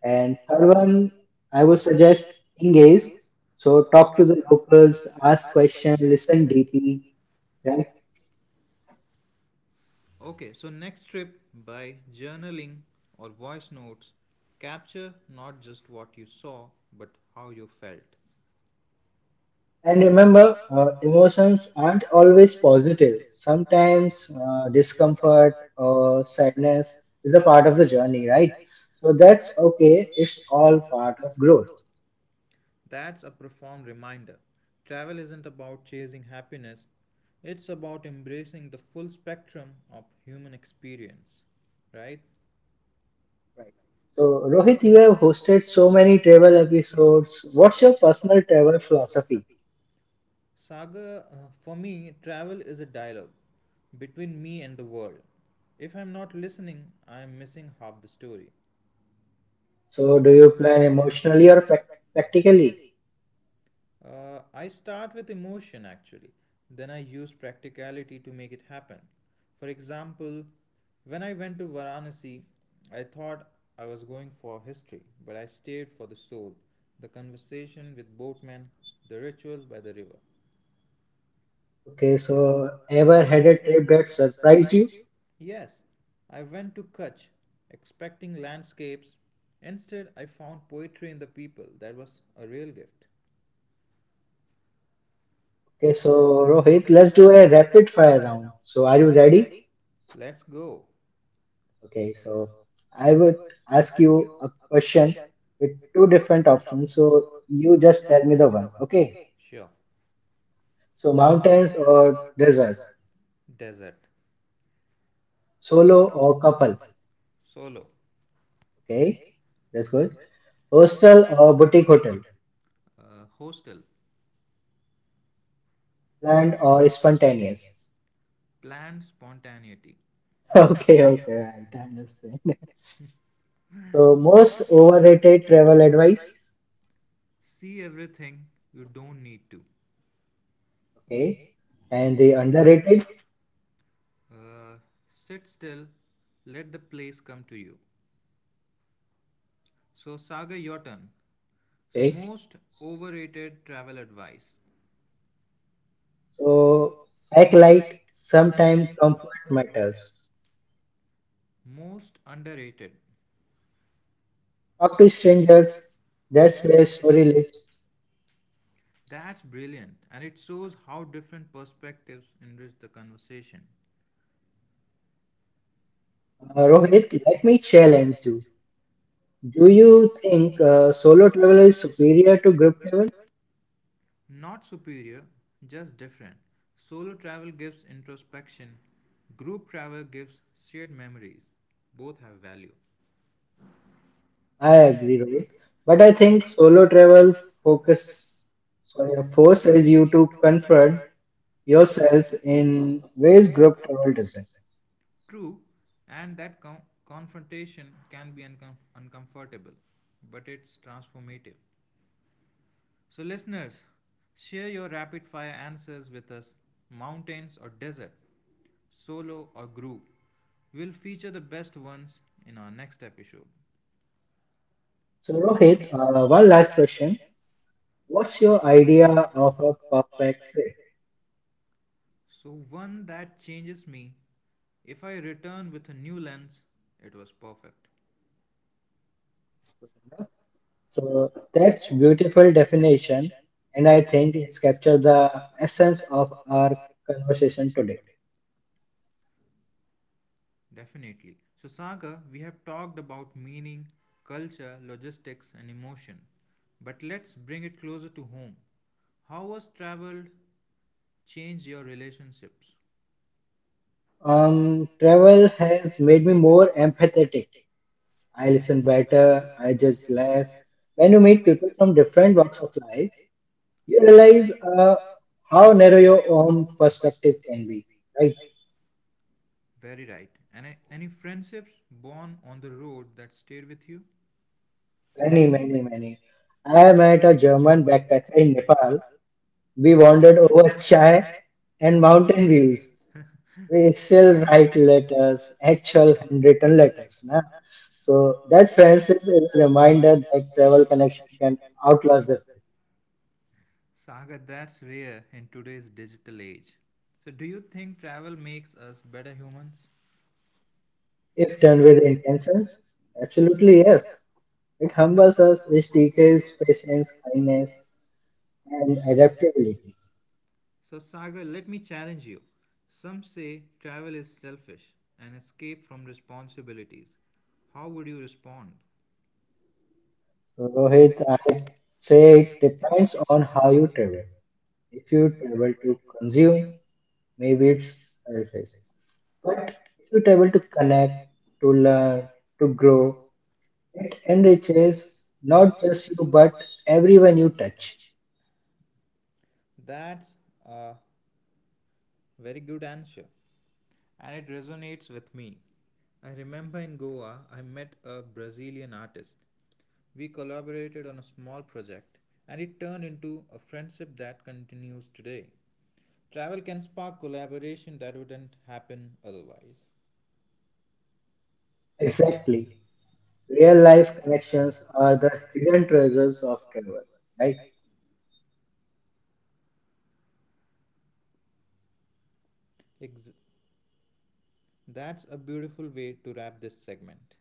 Speaker 2: And
Speaker 1: And
Speaker 2: third
Speaker 1: third one,
Speaker 2: one, I
Speaker 1: I
Speaker 2: would
Speaker 1: would
Speaker 2: suggest
Speaker 1: suggest
Speaker 2: engage.
Speaker 1: engage.
Speaker 2: So
Speaker 1: So
Speaker 2: talk to the locals, ask
Speaker 1: ask
Speaker 2: questions, listen deeply,
Speaker 1: deeply.
Speaker 2: right?
Speaker 1: Right? Okay, so next trip by journaling or voice notes, capture not just what you saw but how you felt.
Speaker 2: And
Speaker 1: And
Speaker 2: remember, uh, emotions aren't
Speaker 1: and
Speaker 2: always positive. Sometimes
Speaker 1: sometimes
Speaker 2: uh,
Speaker 1: uh,
Speaker 2: discomfort
Speaker 1: discomfort
Speaker 2: or
Speaker 1: or
Speaker 2: sadness is a
Speaker 1: lonely,
Speaker 2: part of the journey, right?
Speaker 1: right?
Speaker 2: So
Speaker 1: So
Speaker 2: that's okay. It's
Speaker 1: it's
Speaker 2: all
Speaker 1: all
Speaker 2: part
Speaker 1: part.
Speaker 2: of growth,
Speaker 1: That's a profound reminder. Travel isn't about chasing happiness, it's about embracing the full spectrum of human experience, right?
Speaker 2: right? So,
Speaker 1: So,
Speaker 2: Rohit, you have hosted so many travel episodes. What's your personal travel philosophy?
Speaker 1: Saga, uh, for me, travel is a dialogue between me and the world. If I'm not listening, I'm missing half the story. so
Speaker 2: So, do
Speaker 1: to
Speaker 2: you plan
Speaker 1: plan
Speaker 2: emotionally or
Speaker 1: emotionally or
Speaker 2: prac-
Speaker 1: practically.
Speaker 2: practically?
Speaker 1: Uh, I start with emotion actually, then I use practicality to make it happen. For example, when I went to Varanasi, I thought I was going for history, but I stayed for the soul, the conversation with boatmen, the rituals by the river.
Speaker 2: Okay,
Speaker 1: Okay, so
Speaker 2: so ever
Speaker 1: ever
Speaker 2: had a
Speaker 1: had it?
Speaker 2: trip that surprised you?
Speaker 1: Yes, I went to Kutch expecting landscapes. Instead, I found poetry in the people. That was a real gift.
Speaker 2: Okay,
Speaker 1: Okay, so
Speaker 2: so Rohit,
Speaker 1: Rohit,
Speaker 2: let's do
Speaker 1: let's do
Speaker 2: a
Speaker 1: a
Speaker 2: rapid
Speaker 1: rapid
Speaker 2: fire
Speaker 1: fire
Speaker 2: round.
Speaker 1: round.
Speaker 2: So, are
Speaker 1: So
Speaker 2: you
Speaker 1: are you
Speaker 2: ready?
Speaker 1: ready? Let's go.
Speaker 2: Okay,
Speaker 1: Okay,
Speaker 2: so
Speaker 1: so
Speaker 2: I
Speaker 1: I
Speaker 2: would
Speaker 1: would
Speaker 2: ask
Speaker 1: ask
Speaker 2: you
Speaker 1: you
Speaker 2: a
Speaker 1: a
Speaker 2: question
Speaker 1: question
Speaker 2: with
Speaker 1: with
Speaker 2: two
Speaker 1: two
Speaker 2: different
Speaker 1: different
Speaker 2: options.
Speaker 1: options.
Speaker 2: So
Speaker 1: So
Speaker 2: you
Speaker 1: you
Speaker 2: just tell
Speaker 1: just
Speaker 2: me
Speaker 1: tell
Speaker 2: the
Speaker 1: me the
Speaker 2: one.
Speaker 1: one.
Speaker 2: Okay.
Speaker 1: Okay. Sure.
Speaker 2: So
Speaker 1: So
Speaker 2: mountains
Speaker 1: mountains
Speaker 2: or
Speaker 1: or
Speaker 2: desert,
Speaker 1: desert. Desert.
Speaker 2: solo
Speaker 1: Solo
Speaker 2: or
Speaker 1: or
Speaker 2: couple.
Speaker 1: couple. Solo.
Speaker 2: Okay,
Speaker 1: Okay,
Speaker 2: that's
Speaker 1: that's
Speaker 2: good.
Speaker 1: good.
Speaker 2: Hostel
Speaker 1: Hostel
Speaker 2: or
Speaker 1: or
Speaker 2: boutique
Speaker 1: boutique
Speaker 2: hotel,
Speaker 1: hotel. Uh, hostel.
Speaker 2: planned
Speaker 1: Planned
Speaker 2: or
Speaker 1: or
Speaker 2: spontaneous.
Speaker 1: spontaneous. Planned spontaneity.
Speaker 2: Okay,
Speaker 1: Okay, okay, I
Speaker 2: okay, right, I understand.
Speaker 1: understand.
Speaker 2: So most overrated
Speaker 1: Related
Speaker 2: travel
Speaker 1: travel
Speaker 2: advice.
Speaker 1: advice. See everything you don't need to.
Speaker 2: Okay,
Speaker 1: Okay.
Speaker 2: and the
Speaker 1: And they
Speaker 2: underrated.
Speaker 1: underrated. Uh, sit still, let the place come to you. So, Saga, your turn. So, okay.
Speaker 2: Okay,
Speaker 1: Most overrated travel advice.
Speaker 2: so
Speaker 1: So
Speaker 2: act
Speaker 1: act
Speaker 2: light.
Speaker 1: like
Speaker 2: Sometimes
Speaker 1: sometimes
Speaker 2: comfort
Speaker 1: comfort
Speaker 2: matters.
Speaker 1: matters. Most underrated.
Speaker 2: Talk to strangers. That's where story lives.
Speaker 1: That's That's brilliant, and it shows how different perspectives enrich the conversation.
Speaker 2: Uh, Rohit,
Speaker 1: Uh,
Speaker 2: let me challenge you. Do you think uh,
Speaker 1: uh,
Speaker 2: solo
Speaker 1: so
Speaker 2: travel is superior to group travel?
Speaker 1: not superior, just different. Solo travel gives introspection, group travel gives shared memories. Both have value.
Speaker 2: I
Speaker 1: I
Speaker 2: agree, Rohit. But I think solo travel focus sorry, forces you to confront
Speaker 1: agree.
Speaker 2: yourself in ways group travel doesn't.
Speaker 1: True, and that com- confrontation can be uncom- uncomfortable, but it's transformative. So, listeners, share your rapid fire answers with us, mountains or desert, solo or group. We'll feature the best ones in our next episode.
Speaker 2: So, Rohit, uh,
Speaker 1: Uh,
Speaker 2: one
Speaker 1: one
Speaker 2: last
Speaker 1: last
Speaker 2: question.
Speaker 1: question.
Speaker 2: What's
Speaker 1: What's
Speaker 2: your
Speaker 1: your
Speaker 2: idea
Speaker 1: idea
Speaker 2: of
Speaker 1: of
Speaker 2: a
Speaker 1: a
Speaker 2: perfect trip?
Speaker 1: perfect? So, one that changes me. If I return with a new lens, it was perfect.
Speaker 2: So that's beautiful definition,
Speaker 1: Conversation,
Speaker 2: and I
Speaker 1: and I
Speaker 2: think
Speaker 1: think
Speaker 2: it's
Speaker 1: it's
Speaker 2: captured
Speaker 1: captured
Speaker 2: the
Speaker 1: the
Speaker 2: essence
Speaker 1: essence
Speaker 2: of
Speaker 1: of
Speaker 2: our
Speaker 1: our
Speaker 2: conversation
Speaker 1: conversation.
Speaker 2: today.
Speaker 1: Definitely. So, Saga, we have talked about meaning, culture, logistics, and emotion. But let's bring it closer to home. How has travel changed your relationships?
Speaker 2: Um,
Speaker 1: Um,
Speaker 2: travel
Speaker 1: travel
Speaker 2: has
Speaker 1: has.
Speaker 2: made me more empathetic. I
Speaker 1: I
Speaker 2: listen
Speaker 1: listen
Speaker 2: better.
Speaker 1: better,
Speaker 2: I
Speaker 1: I
Speaker 2: judge
Speaker 1: judge
Speaker 2: less.
Speaker 1: less.
Speaker 2: When you meet people from different walks of life, you realize uh,
Speaker 1: Uh,
Speaker 2: how
Speaker 1: how
Speaker 2: narrow
Speaker 1: narrow
Speaker 2: your
Speaker 1: your
Speaker 2: own
Speaker 1: own.
Speaker 2: perspective can be. Like
Speaker 1: Very right. And any friendships born on the road that stayed with you?
Speaker 2: many, many, many. I
Speaker 1: I
Speaker 2: met a
Speaker 1: met a
Speaker 2: German backpacker in Nepal. We wandered over chai
Speaker 1: shy
Speaker 2: and
Speaker 1: and Mount.
Speaker 2: mountain
Speaker 1: We
Speaker 2: views.
Speaker 1: will
Speaker 2: We still write
Speaker 1: write it
Speaker 2: letters,
Speaker 1: as
Speaker 2: actual
Speaker 1: actions.
Speaker 2: handwritten letters. Na?
Speaker 1: Na?
Speaker 2: So
Speaker 1: So
Speaker 2: that friendship is a
Speaker 1: your
Speaker 2: reminder
Speaker 1: mind
Speaker 2: that travel
Speaker 1: travel and
Speaker 2: connection can
Speaker 1: out.
Speaker 2: outlast the trip.
Speaker 1: Sagar, that's rare in today's digital age. So, do you think travel makes us better humans?
Speaker 2: If done with intentions, absolutely yes. It humbles us, it teaches patience, kindness, and
Speaker 1: And.
Speaker 2: adaptability.
Speaker 1: So, Sagar, let me challenge you. Some say travel is selfish, an escape from responsibilities. How would you respond?
Speaker 2: So
Speaker 1: So,
Speaker 2: Rohit,
Speaker 1: Rohit,
Speaker 2: I say it
Speaker 1: it
Speaker 2: depends
Speaker 1: depends
Speaker 2: on
Speaker 1: on
Speaker 2: how
Speaker 1: how
Speaker 2: you
Speaker 1: you.
Speaker 2: travel. If you travel to consume, maybe it's surface. But if you
Speaker 1: But
Speaker 2: travel to connect,
Speaker 1: connect,
Speaker 2: to
Speaker 1: to
Speaker 2: learn,
Speaker 1: learn.
Speaker 2: to grow, it enriches not just you, but
Speaker 1: Every
Speaker 2: everyone you touch.
Speaker 1: touch. That's a very good answer, and it resonates with me. I remember in Goa, I met a Brazilian artist. We collaborated on a small project, and it turned into a friendship that continues today. Travel can spark collaboration that wouldn't happen otherwise.
Speaker 2: Exactly. Real
Speaker 1: Real
Speaker 2: life
Speaker 1: life
Speaker 2: connections
Speaker 1: connections
Speaker 2: are the
Speaker 1: are the
Speaker 2: hidden
Speaker 1: hidden
Speaker 2: treasures
Speaker 1: treasures
Speaker 2: of
Speaker 1: of.
Speaker 2: travel, right?
Speaker 1: Ex- that's a beautiful way to wrap this segment.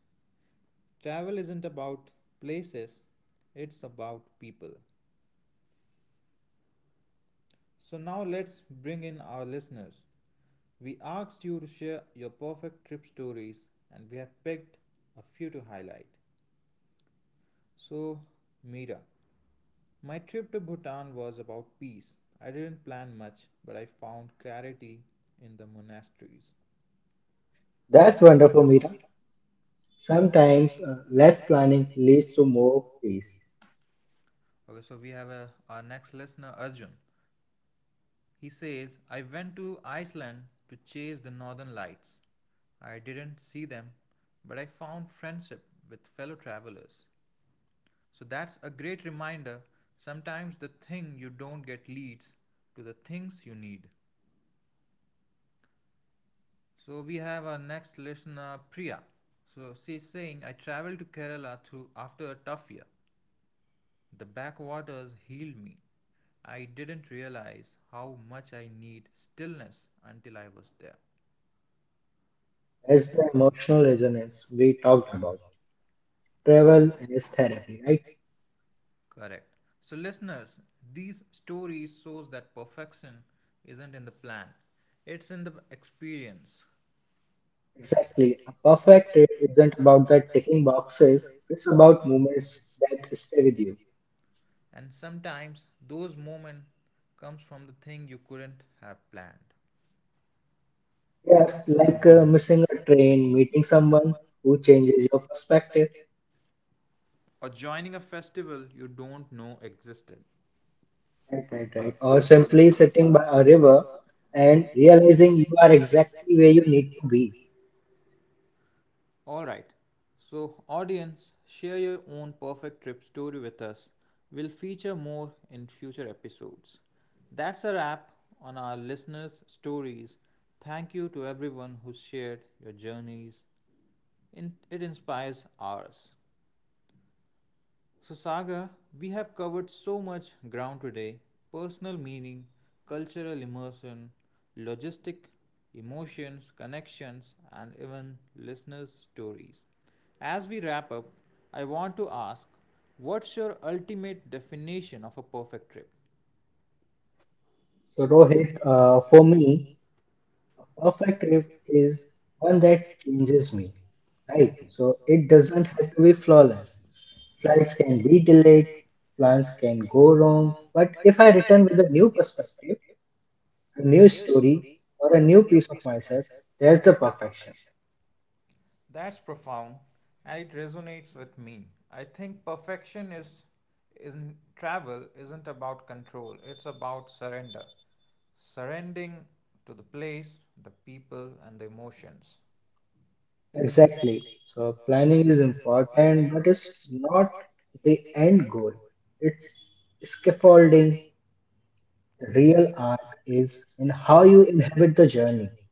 Speaker 1: Travel isn't about places, it's about people. So now let's bring in our listeners. We asked you to share your perfect trip stories and we have picked a few to highlight. So, Mira, my trip to Bhutan was about peace. I didn't plan much, but I found clarity in the monasteries.
Speaker 2: That's
Speaker 1: That's.
Speaker 2: wonderful, Mira. Sometimes
Speaker 1: Sometimes
Speaker 2: uh,
Speaker 1: uh,
Speaker 2: less
Speaker 1: less
Speaker 2: planning
Speaker 1: planning
Speaker 2: leads to
Speaker 1: leads to
Speaker 2: more
Speaker 1: more
Speaker 2: peace.
Speaker 1: peace. Okay, so we have a, our next listener, Arjun. He says, I went to Iceland to chase the northern lights. I didn't see them, but I found friendship with fellow travelers. So that's a great reminder. Sometimes the thing you don't get leads to the things you need. So we have our next listener, Priya. So she's saying, I traveled to Kerala through after a tough year. The backwaters healed me. I didn't realize how much I need stillness until I was there.
Speaker 2: That's
Speaker 1: It's
Speaker 2: the
Speaker 1: the
Speaker 2: emotional
Speaker 1: emotional
Speaker 2: resonance
Speaker 1: resonance
Speaker 2: we
Speaker 1: we
Speaker 2: talked
Speaker 1: talked
Speaker 2: about.
Speaker 1: about.
Speaker 2: Travel
Speaker 1: Travel
Speaker 2: as
Speaker 1: is
Speaker 2: therapy,
Speaker 1: therapy,
Speaker 2: right?
Speaker 1: right? Correct. So, listeners, these stories shows that perfection isn't in the plan. It's in the experience.
Speaker 2: Exactly. A
Speaker 1: Exactly. A
Speaker 2: perfect trip
Speaker 1: perfect trip
Speaker 2: isn't
Speaker 1: isn't
Speaker 2: about the
Speaker 1: about that
Speaker 2: ticking
Speaker 1: ticking box.
Speaker 2: boxes, it's about moments that stay with you.
Speaker 1: And sometimes those moments comes from the thing you couldn't have planned.
Speaker 2: Yeah, like uh, missing a train, meeting someone who changes your perspective,
Speaker 1: Or joining a festival you don't know existed.
Speaker 2: right,
Speaker 1: Right,
Speaker 2: right,
Speaker 1: right,
Speaker 2: right.
Speaker 1: right.
Speaker 2: Or
Speaker 1: Or
Speaker 2: simply sitting by a
Speaker 1: a
Speaker 2: river
Speaker 1: river,
Speaker 2: and
Speaker 1: and
Speaker 2: realizing you
Speaker 1: you
Speaker 2: are
Speaker 1: are exiled.
Speaker 2: exactly where you need to be.
Speaker 1: Alright, so audience, share your own perfect trip story with us. We'll feature more in future episodes. That's a wrap on our listeners' stories. Thank you to everyone who shared your journeys. In- It inspires ours. So, Saga, we have covered so much ground today, personal meaning, cultural immersion, logistic, emotions, connections, and even listeners' stories. As we wrap up, I want to ask, what's your ultimate definition of a perfect trip?
Speaker 2: So, Rohit, uh, for
Speaker 1: Uh,
Speaker 2: me, a perfect trip is one that
Speaker 1: one
Speaker 2: changes me, right?
Speaker 1: right?
Speaker 2: So,
Speaker 1: So
Speaker 2: it doesn't have to be flawless. Flights
Speaker 1: flights
Speaker 2: can
Speaker 1: can
Speaker 2: be delayed,
Speaker 1: delay,
Speaker 2: plans
Speaker 1: plans
Speaker 2: can
Speaker 1: can
Speaker 2: go
Speaker 1: go
Speaker 2: wrong,
Speaker 1: wrong.
Speaker 2: but
Speaker 1: But
Speaker 2: if I
Speaker 1: if I
Speaker 2: return with
Speaker 1: return
Speaker 2: a
Speaker 1: with a
Speaker 2: new
Speaker 1: new
Speaker 2: perspective,
Speaker 1: perspective,
Speaker 2: a
Speaker 1: a
Speaker 2: new
Speaker 1: new
Speaker 2: story,
Speaker 1: story,
Speaker 2: or a
Speaker 1: or
Speaker 2: new
Speaker 1: a new
Speaker 2: piece of
Speaker 1: piece of
Speaker 2: myself,
Speaker 1: myself,
Speaker 2: there's the
Speaker 1: there's the
Speaker 2: perfection.
Speaker 1: perfection. That's profound and it resonates with me. I think perfection is, isn't, travel isn't about control, it's about surrender. Surrendering to the place, the people and the emotions.
Speaker 2: Exactly.
Speaker 1: Exactly.
Speaker 2: So
Speaker 1: So
Speaker 2: planning is
Speaker 1: planning is
Speaker 2: important, but
Speaker 1: important, but
Speaker 2: it's
Speaker 1: it's
Speaker 2: not
Speaker 1: not
Speaker 2: the
Speaker 1: the
Speaker 2: end
Speaker 1: end
Speaker 2: goal.
Speaker 1: goal.
Speaker 2: It's
Speaker 1: It's
Speaker 2: scaffolding.
Speaker 1: scaffolding. The
Speaker 2: Real
Speaker 1: real
Speaker 2: art
Speaker 1: art
Speaker 2: is
Speaker 1: is
Speaker 2: in
Speaker 1: in
Speaker 2: how
Speaker 1: how
Speaker 2: you
Speaker 1: you
Speaker 2: inhabit the
Speaker 1: inhabit the
Speaker 2: journey.
Speaker 1: journey.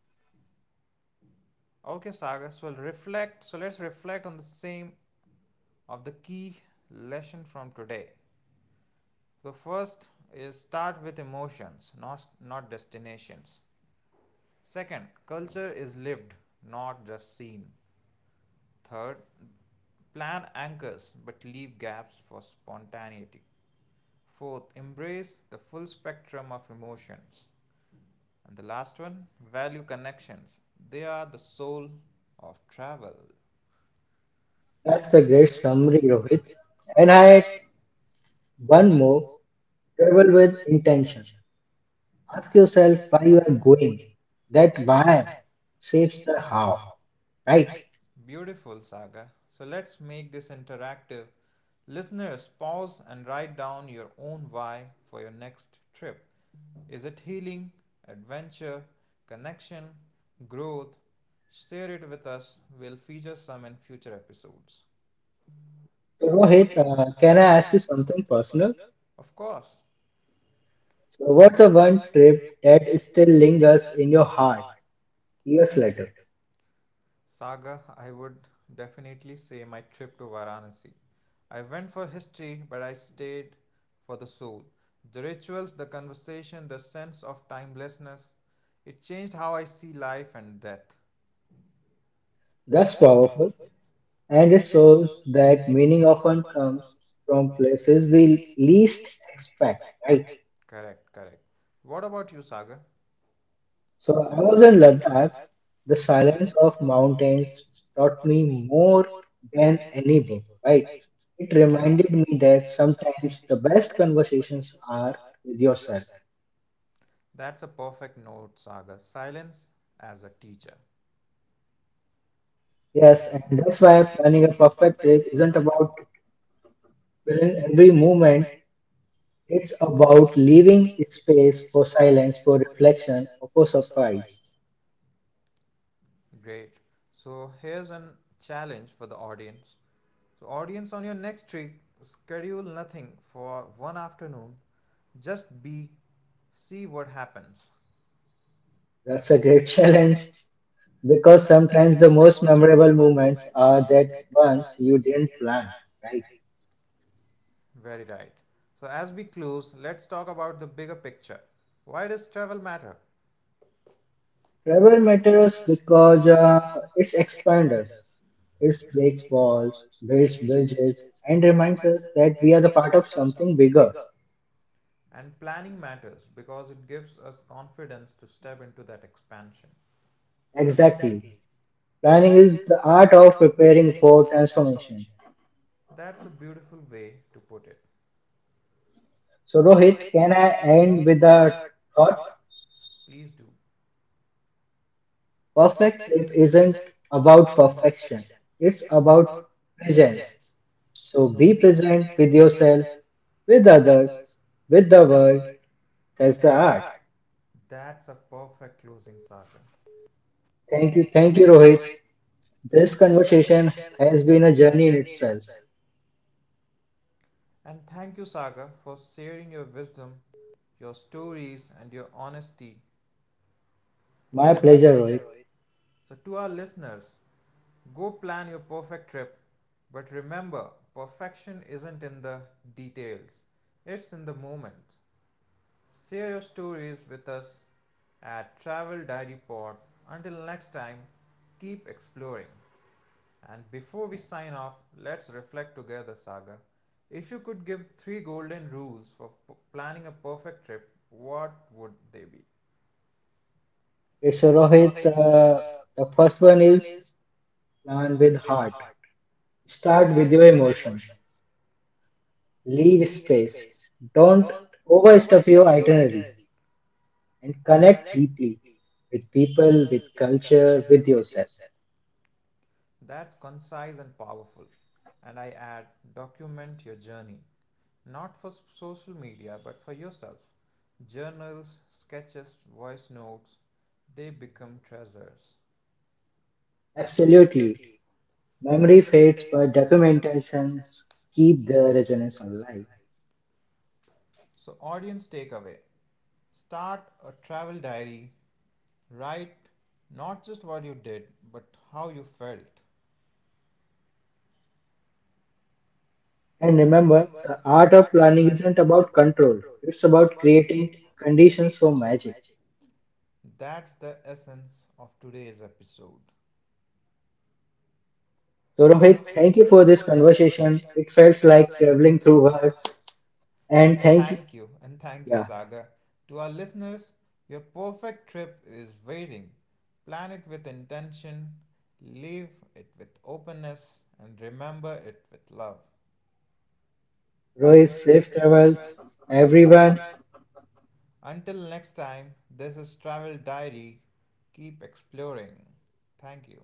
Speaker 1: Okay, Sagar. So we'll reflect. So let's reflect on the same of the key lesson from today. So first is start with emotions, not not destinations. Second, culture is lived, not just seen. Third, plan anchors but leave gaps for spontaneity. Fourth, embrace the full spectrum of emotions. And the last one, value connections. They are the soul of travel.
Speaker 2: That's the
Speaker 1: That's the
Speaker 2: great
Speaker 1: great
Speaker 2: summary, Rohit.
Speaker 1: regrowing.
Speaker 2: And I
Speaker 1: And I
Speaker 2: had
Speaker 1: had
Speaker 2: one
Speaker 1: one
Speaker 2: more
Speaker 1: more,
Speaker 2: travel
Speaker 1: travel
Speaker 2: with
Speaker 1: with
Speaker 2: intention.
Speaker 1: intention.
Speaker 2: Ask
Speaker 1: Ask
Speaker 2: yourself
Speaker 1: yourself
Speaker 2: why you are going. That
Speaker 1: that
Speaker 2: why
Speaker 1: why
Speaker 2: shapes
Speaker 1: shapes
Speaker 2: the
Speaker 1: the
Speaker 2: how,
Speaker 1: how,
Speaker 2: right?
Speaker 1: right? Beautiful, Saga. So let's make this interactive. Listeners, pause and write down your own why for your next trip. Is it healing, adventure, connection, growth? Share it with us. We'll feature some in future episodes.
Speaker 2: So,
Speaker 1: So,
Speaker 2: Rohit,
Speaker 1: Rohit,
Speaker 2: uh,
Speaker 1: uh,
Speaker 2: can I
Speaker 1: can
Speaker 2: ask
Speaker 1: I
Speaker 2: you
Speaker 1: ask you
Speaker 2: something
Speaker 1: one
Speaker 2: personal?
Speaker 1: person? Of course.
Speaker 2: So,
Speaker 1: So,
Speaker 2: what's the
Speaker 1: what's the
Speaker 2: one
Speaker 1: one
Speaker 2: trip
Speaker 1: trip
Speaker 2: that
Speaker 1: that
Speaker 2: still
Speaker 1: still
Speaker 2: lingers
Speaker 1: lingers
Speaker 2: in your
Speaker 1: in your
Speaker 2: heart
Speaker 1: heart?
Speaker 2: years
Speaker 1: This
Speaker 2: later?
Speaker 1: letter. Saga, I would definitely say my trip to Varanasi. I went for history, but I stayed for the soul. The rituals, the conversation, the sense of timelessness, it changed how I see life and death.
Speaker 2: That's
Speaker 1: That's
Speaker 2: powerful,
Speaker 1: powerful.
Speaker 2: and it
Speaker 1: And it
Speaker 2: shows
Speaker 1: shows
Speaker 2: that
Speaker 1: that
Speaker 2: meaning
Speaker 1: meaning
Speaker 2: often
Speaker 1: often
Speaker 2: comes
Speaker 1: comes
Speaker 2: from
Speaker 1: from
Speaker 2: places
Speaker 1: places
Speaker 2: we
Speaker 1: we
Speaker 2: least
Speaker 1: least
Speaker 2: expect,
Speaker 1: expect,
Speaker 2: right?
Speaker 1: right? Correct, correct. What about you, Saga?
Speaker 2: So
Speaker 1: So
Speaker 2: I
Speaker 1: I
Speaker 2: was in
Speaker 1: was in
Speaker 2: Ladakh.
Speaker 1: Ladakh.
Speaker 2: The
Speaker 1: The
Speaker 2: silence
Speaker 1: silence
Speaker 2: of
Speaker 1: of
Speaker 2: mountains
Speaker 1: mountains
Speaker 2: taught
Speaker 1: taught
Speaker 2: me
Speaker 1: me
Speaker 2: more
Speaker 1: more
Speaker 2: than
Speaker 1: than
Speaker 2: any
Speaker 1: any
Speaker 2: book,
Speaker 1: book,
Speaker 2: right?
Speaker 1: right?
Speaker 2: It
Speaker 1: It
Speaker 2: reminded
Speaker 1: reminded
Speaker 2: me
Speaker 1: me
Speaker 2: that
Speaker 1: that
Speaker 2: sometimes the
Speaker 1: sometimes the
Speaker 2: best
Speaker 1: best
Speaker 2: conversations
Speaker 1: conversations
Speaker 2: are
Speaker 1: are
Speaker 2: with
Speaker 1: with
Speaker 2: yourself.
Speaker 1: yourself. That's a perfect note, Sagar. Silence as a teacher.
Speaker 2: Yes, and
Speaker 1: Yes, and
Speaker 2: that's
Speaker 1: that's
Speaker 2: why
Speaker 1: why
Speaker 2: planning a
Speaker 1: planning a
Speaker 2: perfect
Speaker 1: perfect
Speaker 2: trip
Speaker 1: trip
Speaker 2: isn't
Speaker 1: isn't
Speaker 2: about
Speaker 1: about
Speaker 2: filling
Speaker 1: filling
Speaker 2: every
Speaker 1: every
Speaker 2: moment.
Speaker 1: moment.
Speaker 2: It's
Speaker 1: It's
Speaker 2: about
Speaker 1: about
Speaker 2: leaving space
Speaker 1: space
Speaker 2: for
Speaker 1: for
Speaker 2: silence,
Speaker 1: silence,
Speaker 2: for
Speaker 1: for
Speaker 2: reflection,
Speaker 1: reflection,
Speaker 2: or for
Speaker 1: for
Speaker 2: surprise.
Speaker 1: surprise. Great. So here's an challenge for the audience. So, audience, on your next trip, schedule nothing for one afternoon. Just be, see what happens.
Speaker 2: That's a
Speaker 1: That's a
Speaker 2: great
Speaker 1: great
Speaker 2: challenge
Speaker 1: challenge
Speaker 2: because
Speaker 1: because
Speaker 2: sometimes the
Speaker 1: sometimes the
Speaker 2: most
Speaker 1: most
Speaker 2: memorable
Speaker 1: memorable
Speaker 2: moments
Speaker 1: moments
Speaker 2: are
Speaker 1: are
Speaker 2: that
Speaker 1: that
Speaker 2: ones
Speaker 1: ones
Speaker 2: you
Speaker 1: you
Speaker 2: didn't
Speaker 1: didn't plan,
Speaker 2: plan, right?
Speaker 1: right? Very right. So as we close, let's talk about the bigger picture. Why does travel matter?
Speaker 2: Travel
Speaker 1: Rubber
Speaker 2: matters
Speaker 1: matters
Speaker 2: because
Speaker 1: because
Speaker 2: uh,
Speaker 1: uh,
Speaker 2: it
Speaker 1: it
Speaker 2: expands
Speaker 1: expands
Speaker 2: us,
Speaker 1: us,
Speaker 2: it
Speaker 1: it
Speaker 2: breaks
Speaker 1: breaks
Speaker 2: walls,
Speaker 1: walls,
Speaker 2: builds
Speaker 1: builds
Speaker 2: bridges,
Speaker 1: bridges,
Speaker 2: and
Speaker 1: and
Speaker 2: reminds us
Speaker 1: reminds us
Speaker 2: that
Speaker 1: that
Speaker 2: we are the
Speaker 1: we are the
Speaker 2: part of
Speaker 1: part of
Speaker 2: something
Speaker 1: something
Speaker 2: bigger.
Speaker 1: bigger. And planning matters because it gives us confidence to step into that expansion.
Speaker 2: Exactly.
Speaker 1: Exactly.
Speaker 2: Planning
Speaker 1: Planning
Speaker 2: is
Speaker 1: is
Speaker 2: the
Speaker 1: the
Speaker 2: art
Speaker 1: art
Speaker 2: of
Speaker 1: of
Speaker 2: preparing
Speaker 1: preparing
Speaker 2: for
Speaker 1: for
Speaker 2: transformation.
Speaker 1: transformation. That's a beautiful way to put it.
Speaker 2: So,
Speaker 1: So,
Speaker 2: Rohit,
Speaker 1: Rohit,
Speaker 2: can I
Speaker 1: can I
Speaker 2: end with
Speaker 1: end with
Speaker 2: a
Speaker 1: a
Speaker 2: thought?
Speaker 1: thought? Please do.
Speaker 2: Perfect
Speaker 1: Perfect
Speaker 2: trip
Speaker 1: trip
Speaker 2: isn't
Speaker 1: isn't
Speaker 2: about
Speaker 1: about
Speaker 2: perfection,
Speaker 1: perfection,
Speaker 2: it's
Speaker 1: it's
Speaker 2: about
Speaker 1: about
Speaker 2: presence.
Speaker 1: presence.
Speaker 2: So
Speaker 1: So
Speaker 2: be
Speaker 1: be
Speaker 2: present
Speaker 1: present
Speaker 2: with
Speaker 1: with
Speaker 2: yourself,
Speaker 1: yourself,
Speaker 2: with
Speaker 1: with
Speaker 2: others,
Speaker 1: others,
Speaker 2: with the
Speaker 1: with the
Speaker 2: world.
Speaker 1: world.
Speaker 2: That's the
Speaker 1: That's the
Speaker 2: art.
Speaker 1: art. That's a perfect closing, Saga.
Speaker 2: Thank you.
Speaker 1: Thank you,
Speaker 2: Thank you,
Speaker 1: thank you,
Speaker 2: Rohit.
Speaker 1: Rohit.
Speaker 2: This
Speaker 1: This
Speaker 2: conversation
Speaker 1: conversation
Speaker 2: has been
Speaker 1: has
Speaker 2: a
Speaker 1: been a
Speaker 2: journey in
Speaker 1: journey in
Speaker 2: itself.
Speaker 1: itself. And thank you, Saga, for sharing your wisdom, your stories, and your honesty.
Speaker 2: My
Speaker 1: My
Speaker 2: pleasure,
Speaker 1: pleasure,
Speaker 2: Rohit.
Speaker 1: Rohit. So, to our listeners, go plan your perfect trip, but remember, perfection isn't in the details, it's in the moment. Share your stories with us at Travel Diary Pod. Until next time, keep exploring. And before we sign off, let's reflect together, Saga. If you could give three golden rules for p- planning a perfect trip, what would they be?
Speaker 2: Okay, so,
Speaker 1: Okay, so
Speaker 2: Rohit,
Speaker 1: Rohit,
Speaker 2: uh,
Speaker 1: uh,
Speaker 2: the
Speaker 1: the
Speaker 2: first one
Speaker 1: first one
Speaker 2: is
Speaker 1: is
Speaker 2: plan with
Speaker 1: and with
Speaker 2: heart.
Speaker 1: heart.
Speaker 2: Start with
Speaker 1: Start
Speaker 2: your
Speaker 1: with your
Speaker 2: emotions.
Speaker 1: emotions.
Speaker 2: Leave
Speaker 1: Leave
Speaker 2: space.
Speaker 1: space.
Speaker 2: Don't
Speaker 1: Don't
Speaker 2: overstuff your
Speaker 1: overstuff your
Speaker 2: itinerary
Speaker 1: itinerary.
Speaker 2: and connect deeply with people,
Speaker 1: People
Speaker 2: with
Speaker 1: with
Speaker 2: culture,
Speaker 1: culture,
Speaker 2: with
Speaker 1: with
Speaker 2: yourself.
Speaker 1: yourself. That's concise and powerful. And I add, document your journey. Not for social media, but for yourself. Journals, sketches, voice notes, they become treasures.
Speaker 2: Absolutely.
Speaker 1: Absolutely.
Speaker 2: Memory
Speaker 1: Memory
Speaker 2: fades,
Speaker 1: fades,
Speaker 2: but
Speaker 1: document
Speaker 2: documentations keep the
Speaker 1: the
Speaker 2: resonance
Speaker 1: results of
Speaker 2: alive.
Speaker 1: life. So, audience takeaway, start a travel diary, write not just what you did, but how you felt.
Speaker 2: And remember,
Speaker 1: Remember,
Speaker 2: the art
Speaker 1: the
Speaker 2: of
Speaker 1: art of
Speaker 2: planning
Speaker 1: planning
Speaker 2: isn't
Speaker 1: isn't
Speaker 2: about
Speaker 1: about
Speaker 2: control,
Speaker 1: control,
Speaker 2: it's
Speaker 1: it's
Speaker 2: about
Speaker 1: about
Speaker 2: creating
Speaker 1: creating
Speaker 2: conditions for
Speaker 1: conditions for
Speaker 2: magic.
Speaker 1: magic. That's the essence of today's episode.
Speaker 2: So,
Speaker 1: During
Speaker 2: Rohit,
Speaker 1: the
Speaker 2: thank you for this conversation.
Speaker 1: conversation,
Speaker 2: It
Speaker 1: it
Speaker 2: felt
Speaker 1: felt
Speaker 2: like
Speaker 1: like
Speaker 2: traveling
Speaker 1: traveling
Speaker 2: through
Speaker 1: through
Speaker 2: words.
Speaker 1: words. And
Speaker 2: And
Speaker 1: And
Speaker 2: thank you.
Speaker 1: thank I... you, and thank you,
Speaker 2: Yeah.
Speaker 1: Saga. To our listeners, your perfect trip is waiting. Plan it with intention, live it with openness, and remember it with love.
Speaker 2: Rohit,
Speaker 1: Royce
Speaker 2: safe travels,
Speaker 1: Travels.
Speaker 2: everyone.
Speaker 1: Everyone, until next time, this is Travel Diary. Keep exploring. Thank you.